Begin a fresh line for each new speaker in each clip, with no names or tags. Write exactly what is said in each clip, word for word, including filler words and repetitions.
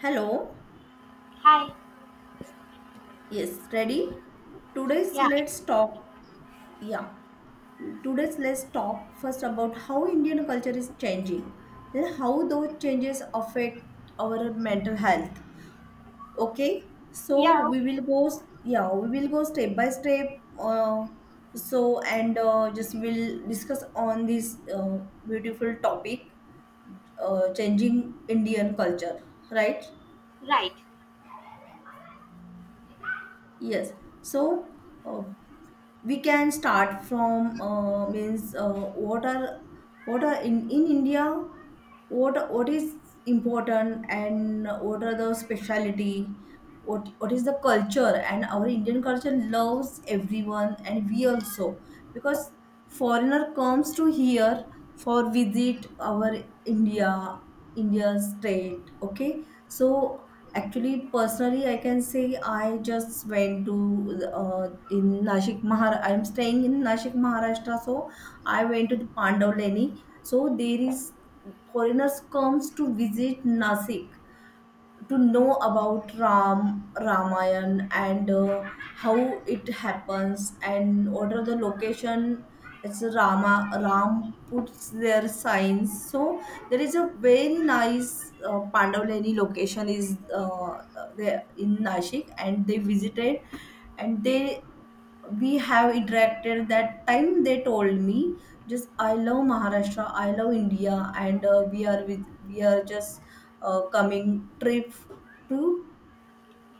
Hello.
Hi.
Yes, ready? Today's
Yeah.
let's talk. Yeah. Today's let's talk first about how Indian culture is changing. Then how those changes affect our mental health. Okay? So
Yeah.
we will
Okay.
go s- yeah, we will go step by step, uh, so and uh, just we'll discuss on this uh, beautiful topic, uh, changing Indian culture, right?
Right.
Yes. So uh, we can start from uh, means uh, what are what are in in India, what what is important, and what are the speciality, what what is the culture. And our Indian culture loves everyone, and we also, because foreigner comes to here for visit our india India state. Okay, so actually personally I can say I just went to uh, in Nashik, Mahar. I'm staying in Nashik, Maharashtra. So I went to the Pandav Leni. So there is foreigners comes to visit Nasik to know about Ram Ramayan, and uh, how it happens and what are the location. It's Rama, Ram puts their signs. So there is a very nice uh, Pandavleni location is uh, there in Nashik, and they visited, and they we have interacted. That time they told me, just I love Maharashtra, I love India. And uh, we are with we are just uh, coming trip to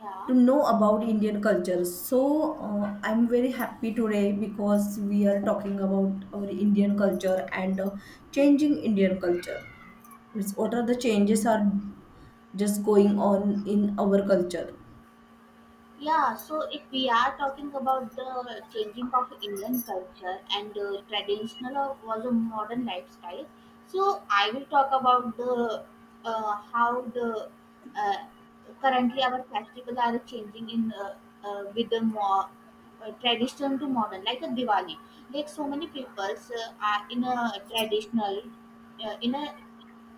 Yeah.
to know about Indian culture. So uh, I'm very happy today because we are talking about our Indian culture and uh, changing Indian culture. Means what are the changes are just going on in our culture?
Yeah. So if we are talking about the changing of Indian culture and uh, traditional or was a modern lifestyle, so I will talk about the uh, how the uh, currently our festival are changing in uh, uh, with the more uh, traditional to modern, like a Diwali. Like so many peoples uh, are in a traditional, uh, in a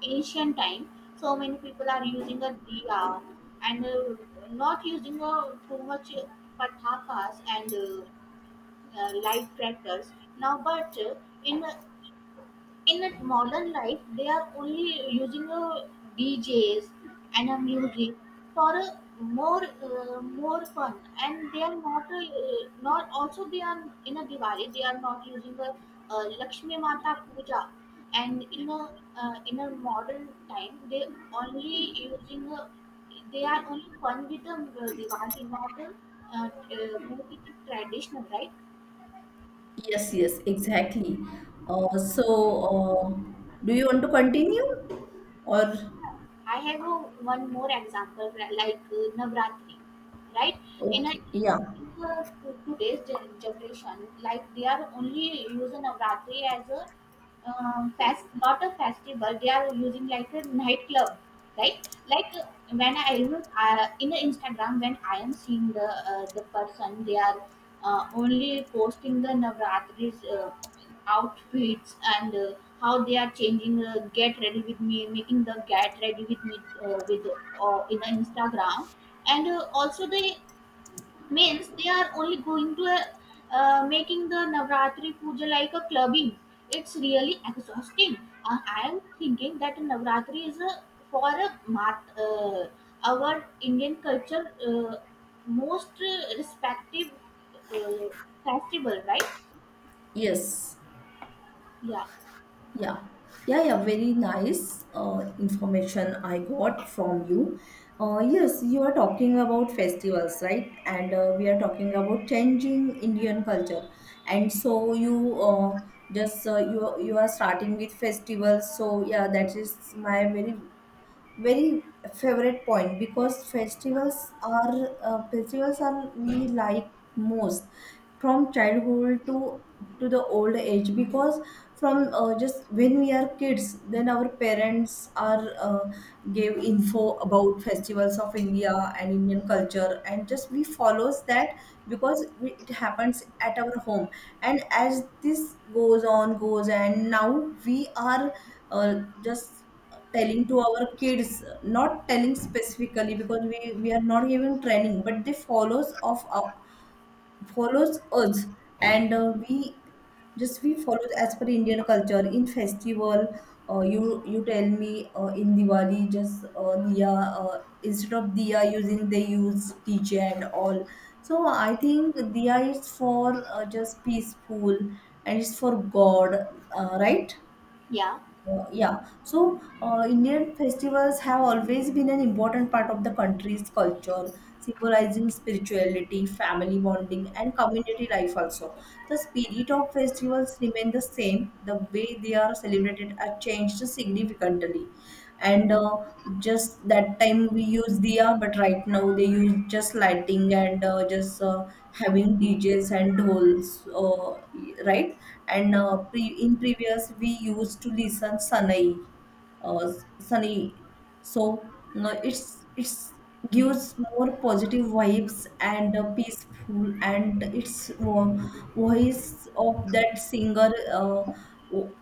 ancient time so many people are using a diya and uh, not using uh, too much patakas and uh, uh, light crackers now, but uh, in in a modern life they are only using a D Js and a music for a more uh, more fun, and they are not uh, not also they are in a Diwali they are not using a uh, Lakshmi Mata Puja, and in a uh, in a modern time they only using a, they are only fun with the uh, Diwali, not a, uh, uh, make it traditional, right?
Yes, yes, exactly. Uh, so, uh, do you want to continue, or
I have a, one more example li- like uh, Navratri, right? In a
okay? Yeah.
in the, today's gen- generation, like they are only using Navratri as a um, fast, not a festival. They are using like a nightclub, right? Like uh, when I even uh, in the Instagram, when I am seeing the uh, the person, they are uh, only posting the Navratri's uh, outfits and uh, how they are changing. Uh, get ready with me, making the get ready with me uh, with uh, in the Instagram, and uh, also they means they are only going to a, uh, making the Navratri puja like a clubbing. It's really exhausting. Uh, i am thinking that Navratri is a, for a mat, uh, our Indian culture uh, most uh, respective uh, festival, right?
Yes.
Yeah.
Yeah, yeah, yeah. Very nice uh, information I got from you. Uh, yes, you are talking about festivals, right? And uh, we are talking about changing Indian culture. And so you uh, just uh, you you are starting with festivals. So yeah, that is my very, very favorite point because festivals are uh, festivals are we like most from childhood to to the old age. Because from uh, just when we are kids, then our parents are uh, gave info about festivals of India and Indian culture, and just we follows that because we, it happens at our home. And as this goes on goes, and now we are uh, just telling to our kids, not telling specifically because we we are not even training, but they follows of our, follows us. And uh, we just we follow as per Indian culture in festival. Uh, you you tell me, uh, in Diwali just uh, diya, uh, instead of diya using they use D J and all. So I think diya is for uh, just peaceful, and it's for God, uh, right.
Yeah.
Uh, yeah, so uh, Indian festivals have always been an important part of the country's culture, symbolizing spirituality, family bonding, and community life also. The spirit of festivals remain the same, the way they are celebrated are changed significantly. And uh, just that time we use diya, but right now they use just lighting and uh, just uh, having D Js and dhols, uh, right. And uh, pre- in previous we used to listen sanai, uh, sunny. So no, it's it's gives more positive vibes and uh, peaceful, and its vo- voice of that singer uh,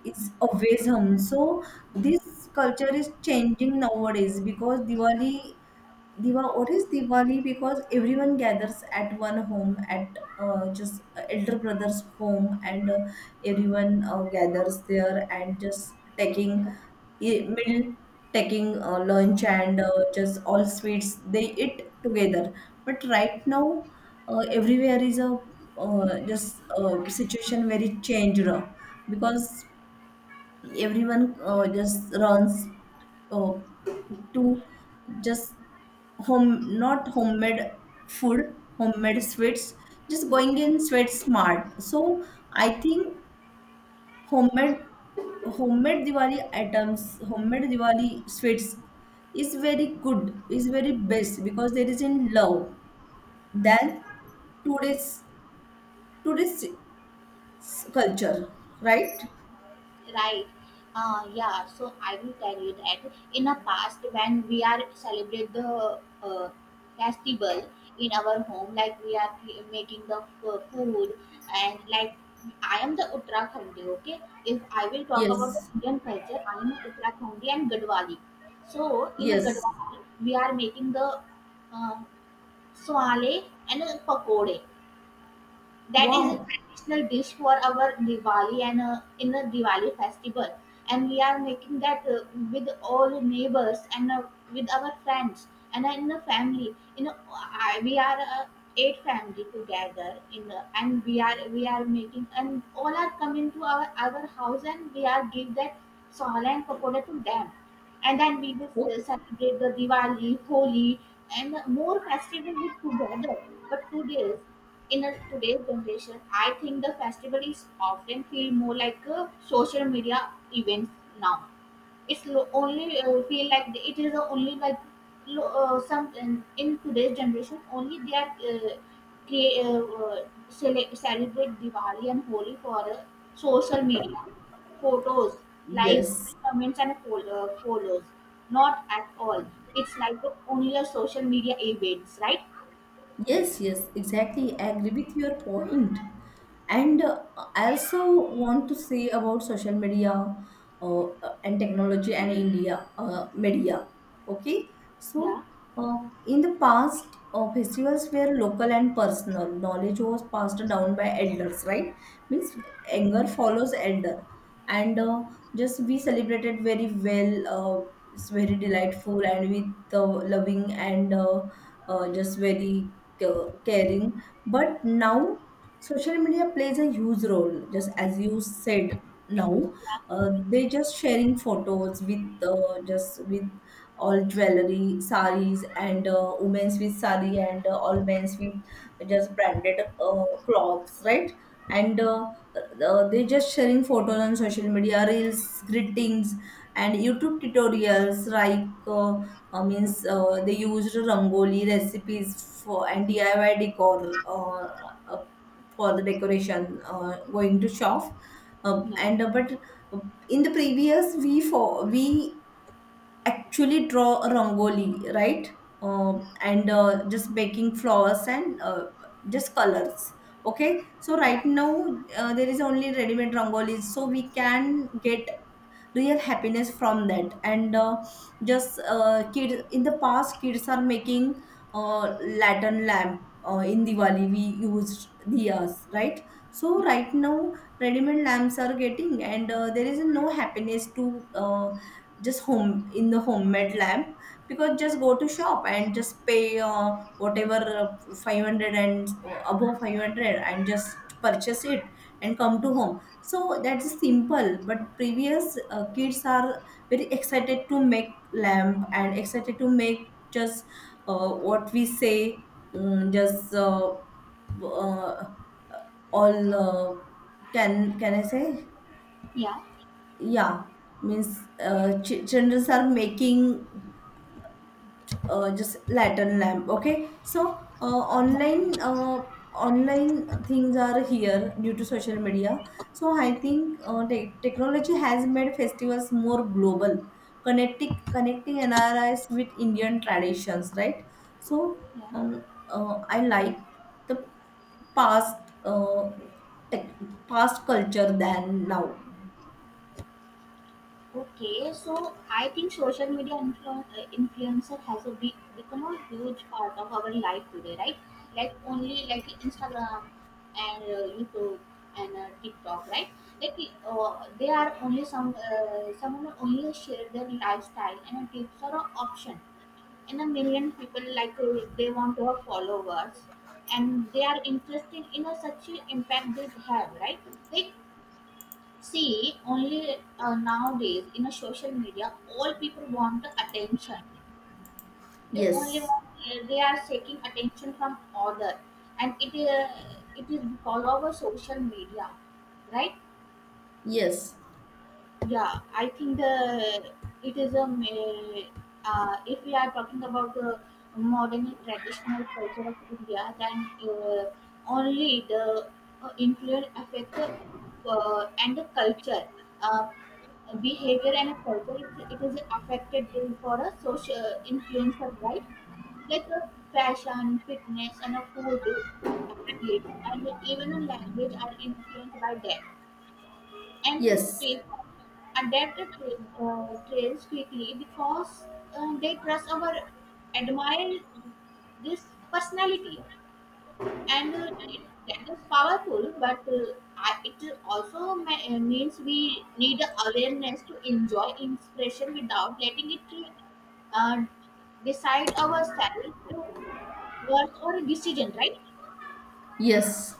is always hum. So this Indians culture is changing nowadays because Diwali Diwali, what is Diwali? Because everyone gathers at one home, at uh, just uh, elder brother's home, and uh, everyone uh, gathers there and just taking e- meal, taking uh, lunch, and uh, just all sweets they eat together. But right now, uh, everywhere is a uh, just uh, situation very changed, uh, because everyone uh, just runs uh, to just home, not homemade food, homemade sweets, just
Yeah.
going in sweat smart. So I think homemade, homemade Diwali items, homemade Diwali sweets is very good, is very best because there is in love than today's today's culture, right?
Right. Uh, yeah, so I will tell you that in the past when we are celebrate the uh, festival in our home, like we are cre- making the f- food, and like I am the Uttarakhandi, okay? If I will talk about the
Yes,
Indian culture, I am Uttarakhandi and Gadwali. So in the
yes.
Gadwali, we are making the uh, swale and uh, pakode, that is a
Wow.
traditional dish for our Diwali and uh, in a Diwali festival. And we are making that uh, with all neighbors and uh, with our friends and uh, in the family. You know, I, we are uh, eight family together in the, and we are we are making, and all are coming to our our house, and we are give that sala and pakoda to them, and then we will ce- celebrate the Diwali, Holi, and more festival with together. But today, in a, today's generation, I think the festival is often feel more like a social media event now. It's lo- only uh, feel like the- it is the only like lo- uh, some in, in today's generation only they are uh, create uh, uh, cele- celebrate Diwali and Holi for uh, social media photos, likes,
Yes.
comments, and fol- uh, follows. Not at all. It's like only a social media events, right?
Yes, yes, exactly. I agree with your point. And uh, I also want to say about social media uh, and technology and India uh, media. Okay,
Yeah,
so uh, in the past, uh, festivals were local and personal. Knowledge was passed down by elders, right? Means younger follows elder, and uh, just we celebrated very well. Uh, it's very delightful, and with uh, loving, and uh, uh, just very ca- caring. But now social media plays a huge role, just as you said now. Uh, they just sharing photos with uh, just with all jewelry saris, and uh, women's with sari, and uh, all men's with just branded uh, clothes, right? And uh, uh, they just sharing photos on social media reels, greetings, and YouTube tutorials, like uh, uh, means uh, they used rangoli recipes for and D I Y decor, uh, uh, for the decoration, uh, going to shop. Uh,
yeah,
and uh, but uh, in the previous we for we actually draw a rangoli, right? Uh, and uh, just making flowers, and uh, just colors. Okay, so
yeah,
right now uh, there is only ready-made rangolis, so we can get real happiness from that. And uh, just uh, kids in the past, kids are making uh, lantern lamp. Uh, in Diwali we used diyas, right? So
yeah,
right now ready-made lamps are getting, and uh, there is no happiness to uh, just home in the homemade lamp, because just go to shop and just pay, uh, whatever, uh, five hundred and above five hundred, and just purchase it and come to home. So that's simple, but previous uh, kids are very excited to make lamp, and excited to make just, uh, what we say, mm, just uh, uh, all, uh, can can I say?
yeah,
Yeah, means uh, ch- children are making uh, just lantern lamp. Okay, so uh,
yeah.
online uh, online things are here due to social media. So I think uh, te- technology has made festivals more global, connecting connecting N R Is with Indian traditions, right? So
Yeah.
um, uh, I like the past, uh, tech past culture than now.
Okay, so I think social media influ- uh, influencer has a big, become a huge part of our life today, right? Like only like Instagram and uh, YouTube and uh, TikTok, right? Like uh, they are only some uh, someone only share their lifestyle and a tips or a option, and a million people like uh, they want to have followers, and they are interested in a such a impact they have, right? Like See, only uh, nowadays in a social media, all people want the attention. They only
Yes.
want they are seeking attention from other, and it is it is because of a social media, right?
Yes.
Yeah, I think the it is a ma- uh, if we are talking about the modern and traditional culture of India, then uh, only the uh, influence affect uh, and the culture, uh, behavior and culture. It, it is affected for a social influencer, right? Like a fashion, fitness, and a food habits, and even a language are influenced by them, and
Yes,
people off. Adapted train, uh, trains quickly because uh, they trust our admire this personality, and uh, it, that is powerful, but uh, I- it also ma- uh, means we need awareness to enjoy inspiration without letting it uh, decide our style work or decision, right?
yes.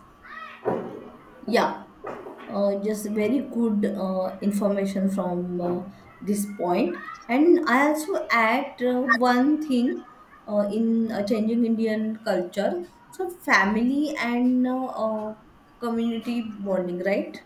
Yeah, uh, just very good uh, information from uh, this point. And I also add uh, one thing uh, in uh, changing Indian culture. So family, and uh, uh, community bonding, right?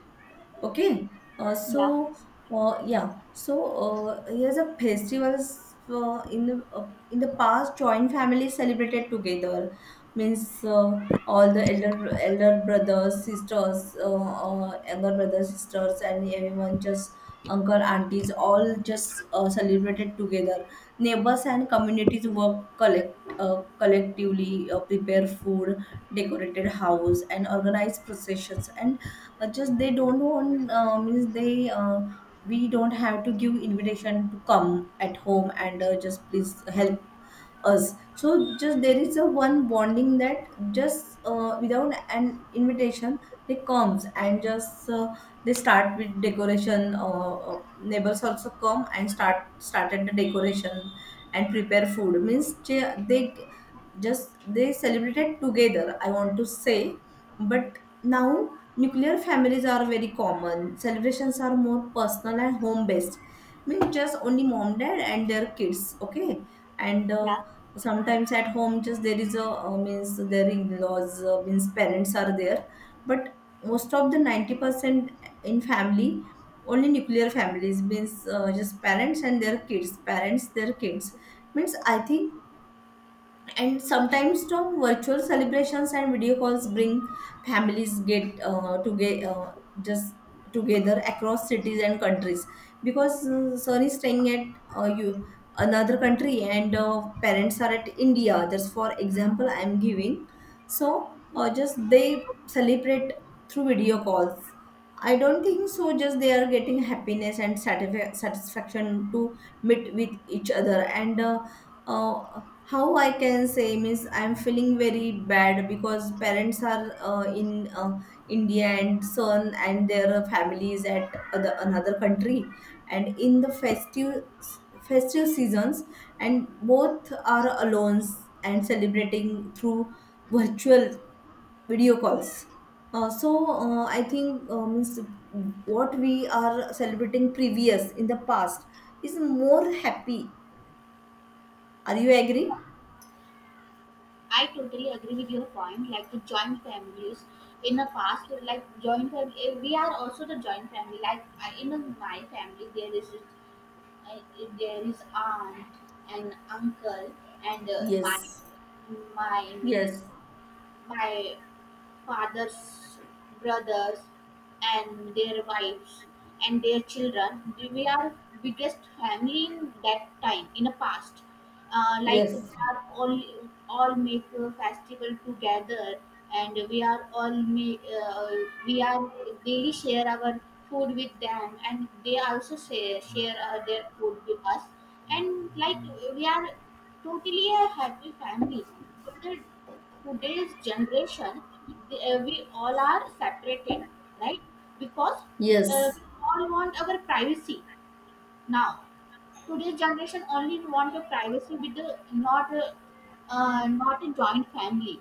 Okay, uh,
Yeah.
so uh, yeah, so uh, here's a festivals uh, in the uh, in the past, joint families celebrated together. Means uh, all the elder elder brothers, sisters, uh, uh, younger brothers, sisters, and everyone just uncle, aunties, all just uh, celebrated together. Neighbors and communities worked collect uh, collectively, uh, prepare food, decorated house, and organized processions. And uh, just they don't want, uh, means they, uh, we don't have to give invitation to come at home and uh, just please help us. So just there is a one bonding, that just uh, without an invitation they comes, and just uh, they start with decoration. Uh, uh, neighbors also come and start started the decoration and prepare food. Means they, they just they celebrated together, I want to say. But now nuclear families are very common. Celebrations are more personal and home based, means just only mom, dad, and their kids. Okay. And uh,
Yeah.
sometimes at home just there is a, uh, means their in-laws, uh, means parents are there. But most of the ninety percent in family only nuclear families, means uh, just parents and their kids, parents their kids, means I think. And sometimes Tom, virtual celebrations and video calls bring families get uh, toge uh, just together across cities and countries. Because uh, son is staying at uh, you another country, and uh, parents are at India, just for example I am giving. So uh, just they celebrate through video calls. I don't think so, just they are getting happiness and satisfa- satisfaction to meet with each other. And uh, uh, how I can say, means I'm feeling very bad because parents are uh, in uh, India, and son and their families at other, another country, and in the festive festive seasons, and both are alone and celebrating through virtual video calls. Uh, so uh, I think, uh, means what we are celebrating previous in the past is more happy. Are you agree?
I totally agree with your point. Like the joint families in the past, like joint family, eh, we are also the joint family. Like I- in my family, there is uh, there is aunt and uncle and uh, my
Yes.
my means
Yes,
my fathers, brothers, and their wives and their children. We are biggest family in that time in the past. Uh, like we
yes,
are all all make a festival together, and we are all make uh, we are daily share our food with them, and they also share share uh, their food with us. And like we are totally a happy family. Today's generation, the- uh, we all are separated, right? Because uh,
yes,
we all want our privacy now. Today's generation only want a privacy with the not a, uh, not a joint family.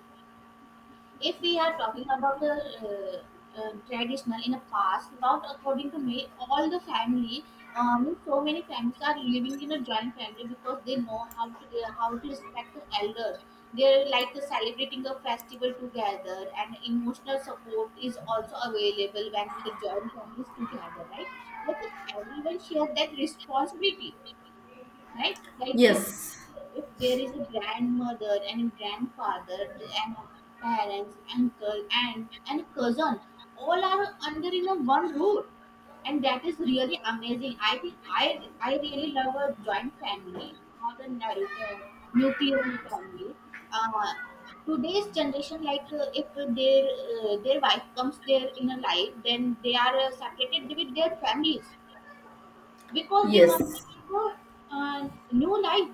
If we are talking about the uh, uh, traditional in the past, about according to me, all the family, um, so many families are living in a joint family because they know how to uh, how to respect the elders. They're like celebrating a festival together, and emotional support is also available when the joint family is together, right? But everyone shares that responsibility, right? Like
yes,
if if there is a grandmother and a grandfather and a parents uncle aunt and a cousin, all are under in a one roof, and that is really amazing. I think i i really love a joint family, not a nu- uh, nuclear family. uh, Today's generation, like uh, if their uh, their wife comes there in a life, then they are uh, separated with their families because they
yes,
want to live a uh, new life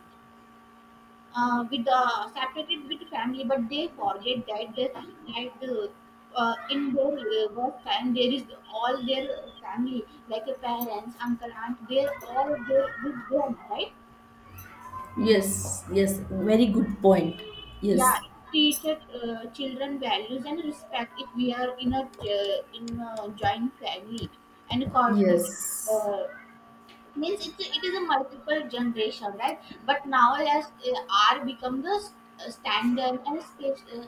uh, with the separated with the family, but they forget that the, that the, uh, in their uh, work time there is all their family like a parents uncle aunt, they're all there with them, right?
yes, yes, Very good point.
Yeah.
Yes,
Teach uh, children values and respect if we are in a uh, in a joint family, and corporate,
yes,
uh, means it, it is a multiple generation, right? But now as uh, r become the s- uh, standard and spe- uh,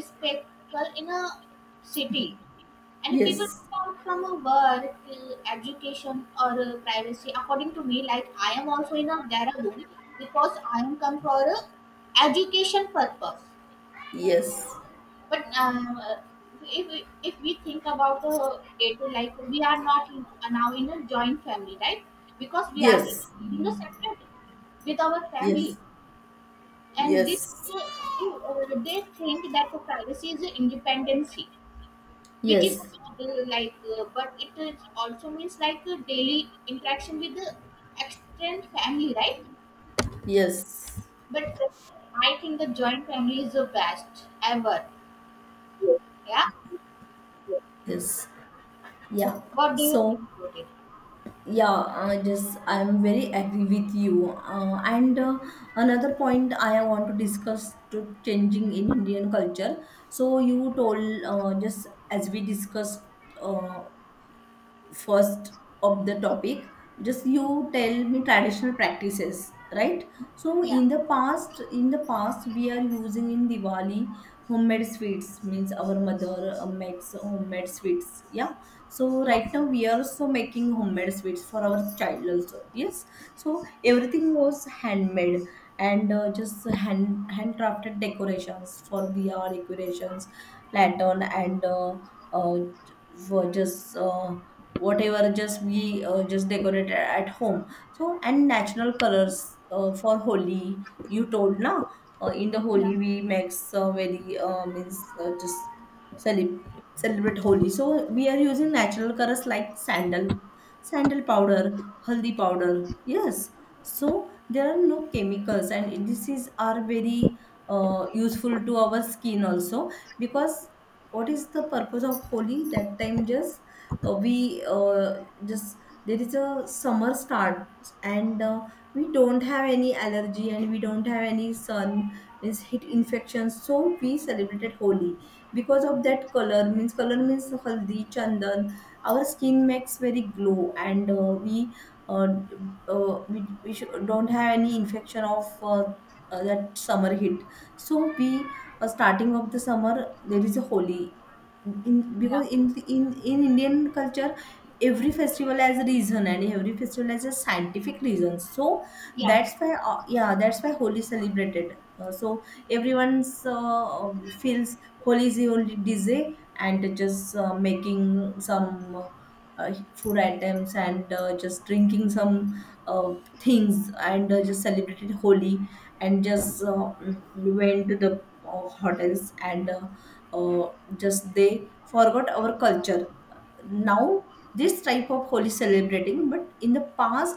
spectacle in a city, and people
yes,
come from a work uh, education or uh, privacy according to me, like I am also in a there because I am come for a education purpose.
yes,
But um, uh, if we, if we think about uh, it, like we are not in, uh, now in a joint family, right? Because we are
yes,
you know separate with our
yes,
family, and this
yes,
uh, uh, they think that the privacy is independency, which is
yes,
uh, like, uh, but it is also means like a daily interaction with the extended family, right?
yes,
But I think the joint family is the best ever. Yeah.
yes. Yeah.
What do you think
So
about it?
yeah i just i'm very agree with you, uh, and uh, another point I want to discuss to changing in Indian culture. So you told, uh, just as we discussed, uh, first of the topic, just you tell me traditional practices, right? So
Yeah.
in the past in the past we are using in Diwali homemade sweets, means our mother uh, makes homemade sweets, yeah. So
Yeah.
right now we are also making homemade sweets for our child also, yes. So everything was handmade, and uh, just hand handcrafted decorations for the our decorations, lantern, and uh, uh, were just, uh, whatever just we uh, just decorated at home. So and natural colors uh, for Holi, you told na. Uh, in the
Yeah,
Holi we make some very, uh, means uh, just celebrate celebrate Holi. So we are using natural colors like sandal, sandal powder haldi powder, yes. So there are no chemicals and this is are very uh, useful to our skin also, because what is the purpose of Holi that time? Just uh, we uh, just there is a summer start, and uh, we don't have any allergy and we don't have any sun, means heat infection, so we celebrated Holi. Because of that color, means color means haldi chandan, our skin makes very glow, and uh, we uh, uh, we, we should, don't have any infection of uh, uh, that summer heat. So we uh, starting of the summer there is a Holi, in
yeah,
because in in in Indian culture, every festival has a reason and every festival has a scientific reason. So
yeah,
that's why, uh, yeah, that's why Holi is celebrated. Uh, so everyone's, uh, feels Holi is the only D J, and just uh, making some. Uh, uh, food items, and uh, just drinking some uh, things, and uh, just celebrated Holi, and just uh, mm, went to the uh, hotels, and uh, uh, just they forgot our culture. Now this type of holy celebrating, but in the past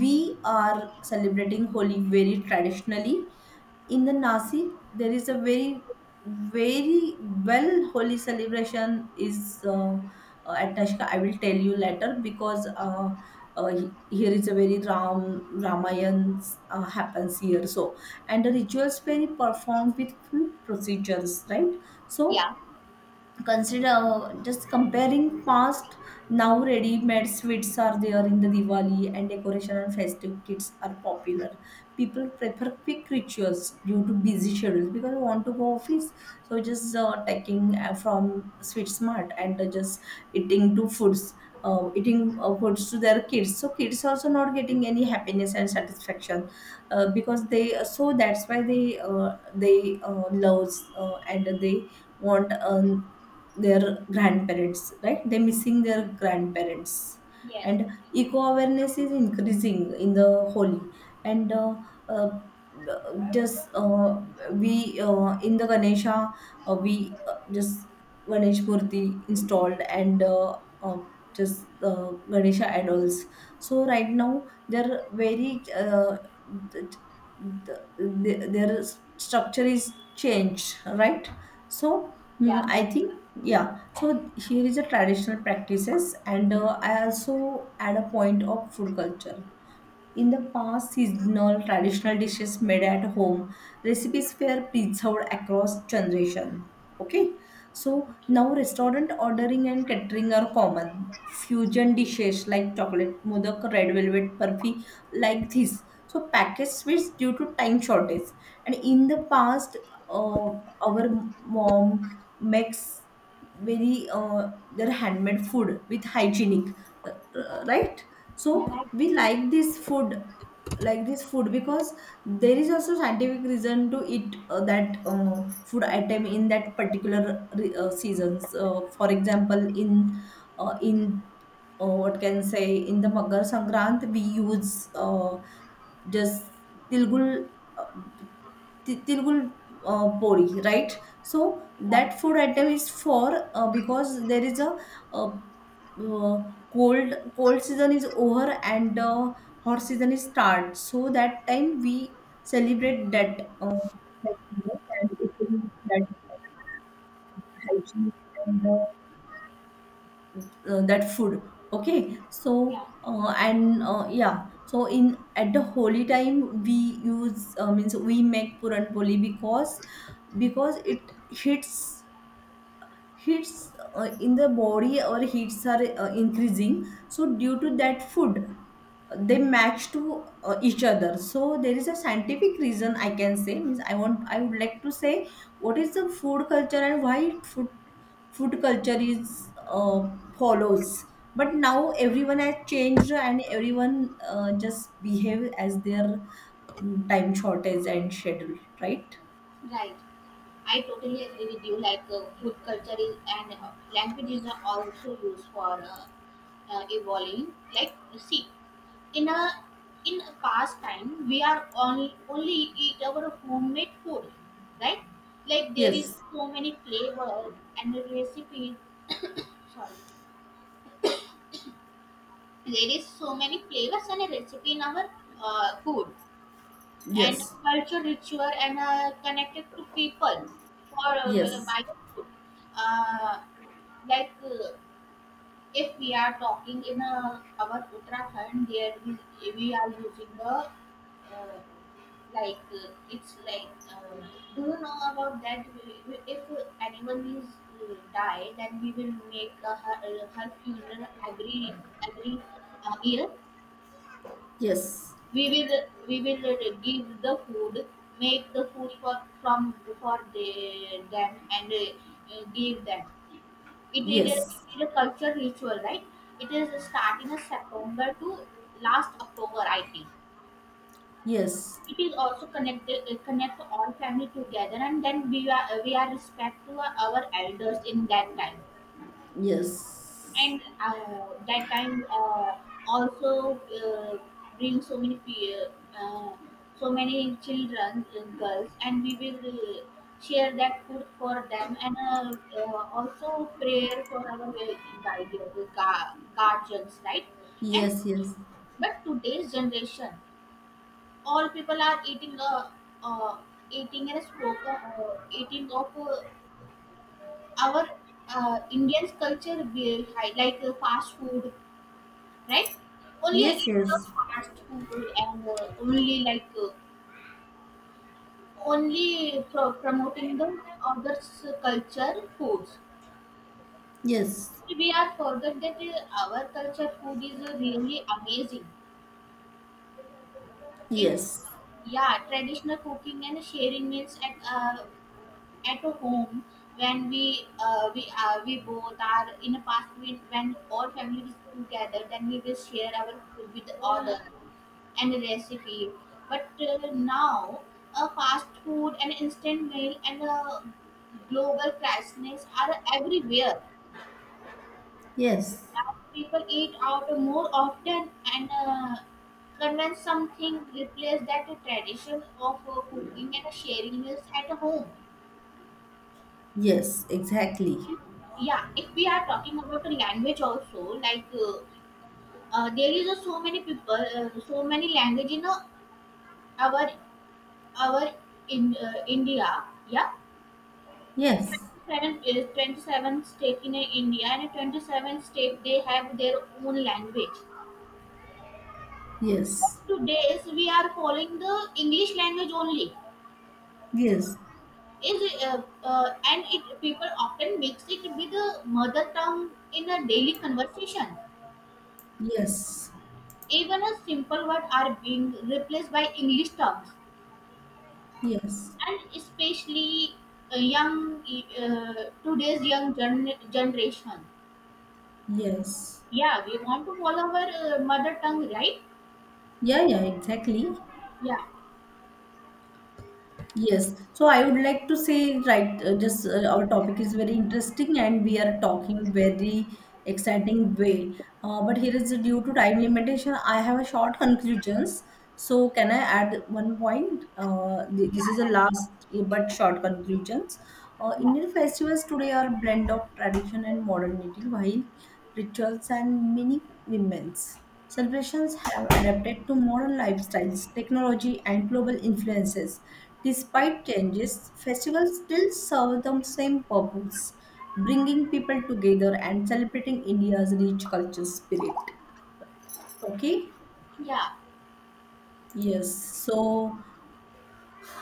we are celebrating holy very traditionally. In the Nasi, there is a very, very well holy celebration is, uh, uh, at Nashika. I will tell you later because, uh, uh, he- here is a very Ram Ramayan uh, happens here. So and the rituals very performed with full procedures, right? So
yeah,
consider, uh, just comparing past, now ready-made sweets are there in the Diwali and decoration and festive kits are popular. People prefer quick rituals due to busy schedules because they want to go office. So just uh, taking uh, from sweet smart, and uh, just eating to foods, uh, eating uh, foods to their kids. So kids also not getting any happiness and satisfaction, uh, because they uh, so that's why they uh, they uh, loves, uh, and they want um, their grandparents, right? They're missing their grandparents.
yes,
And eco awareness is increasing in the holy, and uh, uh, just uh, we uh, in the Ganesha, uh, we uh, just Ganesh murti installed, and uh, uh, just uh, ganesha idols. So right now they're very, uh, the, the, the, their structure is changed, right? So, mm,
yeah,
I think, yeah, so here is the traditional practices, and uh, I also add a point of food culture. In the past, seasonal traditional dishes made at home, recipes were preserved across generation. Okay, so
okay,
now restaurant ordering and catering are common. Fusion dishes like chocolate modak, red velvet burfi, like this. So packaged sweets due to time shortage. And in the past, uh, our mom makes very, uh, their handmade food with hygienic, uh, uh,
yeah,
right?
yeah,
So
like,
we like this food, like this food, because there is also scientific reason to eat uh, that uh, food item in that particular re- uh, seasons. Uh, for example, in uh, in uh, what can say in the Magar Sankrant, we use, uh, just tilgul, uh, ti- tilgul uh, pori, right? So
like,
that food item is for, uh, because there is a, uh uh, cold cold season is over and the hot season is start, so that time we celebrate that uh, festival and eating that hygiene, and uh, uh, that food. Okay,
yeah,
so, uh, and uh, yeah, so in at the holy time we use, uh, means we make puran poli, because because it hits, heats uh, in the body, or heats are uh, increasing, so due to that food uh, they match to uh, each other. So there is a scientific reason, I can say, means i want I would like to say what is the food culture and why food, food culture is uh, follows. But now everyone has changed and everyone uh, just behave as their, mm, time shortage and schedule, right?
right. I totally agree with you. Like uh, food culture is, and uh, language is also used for uh, uh, evolving. Like you see, in a in a past time, we are only only eat our homemade food, right? Like there is
Yes,
so many flavors and recipes. Sorry. There is so many flavors and a recipe in our uh, food and
yes,
culture richer and uh, connected to people for uh,
yes,
by food. Uh, like uh, if we are talking in uh, our Uttarakhand, there we, we are using the uh, like uh, it's like uh, do you know about that? We- we- If anyone is uh, die, then we will make uh, her, her funeral every every uh, year,
yes.
we will we will uh, give the food make the food for from for the, them, and uh, uh, give them. It is a,
Yes,
it is a culture ritual, right? It is start in a September to last October, I think.
yes,
It is also connected, uh, connect all family together, and then we are we are respect to our elders in that time,
yes,
and uh, that time uh, also uh, bring so many fear, uh, so many children, uh, girls, and we will uh, share that food for them, and uh, uh, also prayer for our uh, guide- gu- guardians, right? And
yes, yes,
but today's generation, all people are eating uh, uh, eating and spoke, uh, eating of uh, our uh, Indian's culture, we- like uh, fast food, right? Only
yes,
it was
yes,
fast food, and uh, only like uh, only pro- promoting the others' culture foods.
yes,
We are forget that uh, our culture food is uh, really amazing. If
yes,
Yeah, traditional cooking and sharing meals at uh, at home, when we uh, we uh, we both are in a past, when, when all family is together, then we will share our food with others and the recipe. But uh, now uh, fast food and instant meal and uh, global crises are everywhere
yes,
now. People eat out more often, and uh, convince something replace that tradition of uh, cooking and sharing meals at home.
yes, exactly.
Yeah, if we are talking about the language also, like uh, uh, there is a so many people, uh, so many language in uh, our our in uh, India, yeah.
Yes,
twenty-seven, is twenty-seven state in uh, India, and uh, twenty-seven state they have their own language.
yes,
Today we are following the English language only.
yes,
Is, uh, uh, and it people often mix it with the mother tongue in a daily conversation.
yes,
Even a simple word are being replaced by English terms,
yes,
and especially uh, young, uh, today's young gen- generation.
yes.
Yeah, we want to follow our uh, mother tongue, right?
Yeah, yeah, exactly.
Yeah,
Yes, so I would like to say, right, uh, just uh, our topic is very interesting and we are talking very exciting way. Uh, but here is, uh, due to time limitation, I have a short conclusions. So can I add one point? Uh, th-
yeah,
this is the
right.
last uh, but short conclusions. Uh,
Yeah,
Indian festivals today are blend of tradition and modernity, while rituals and many remains. Celebrations have adapted to modern lifestyles, technology, and global influences. Despite changes, festivals still serve the same purpose, bringing people together and celebrating India's rich cultural spirit. Okay?
yeah,
Yes. So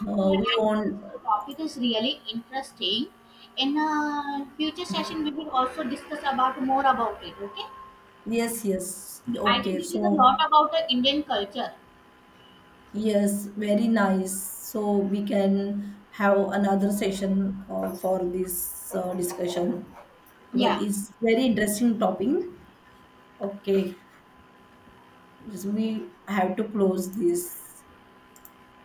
uh,
yeah.
we
I think
want.
this topic is really interesting. In a future session, we will also discuss about more about it. Okay?
Yes, yes.
I
Okay.
think this is a
So
lot about the Indian culture.
yes, very nice. So we can have another session uh, for this uh, discussion, because
Yeah.
it's very interesting topic. Okay, just we have to close this.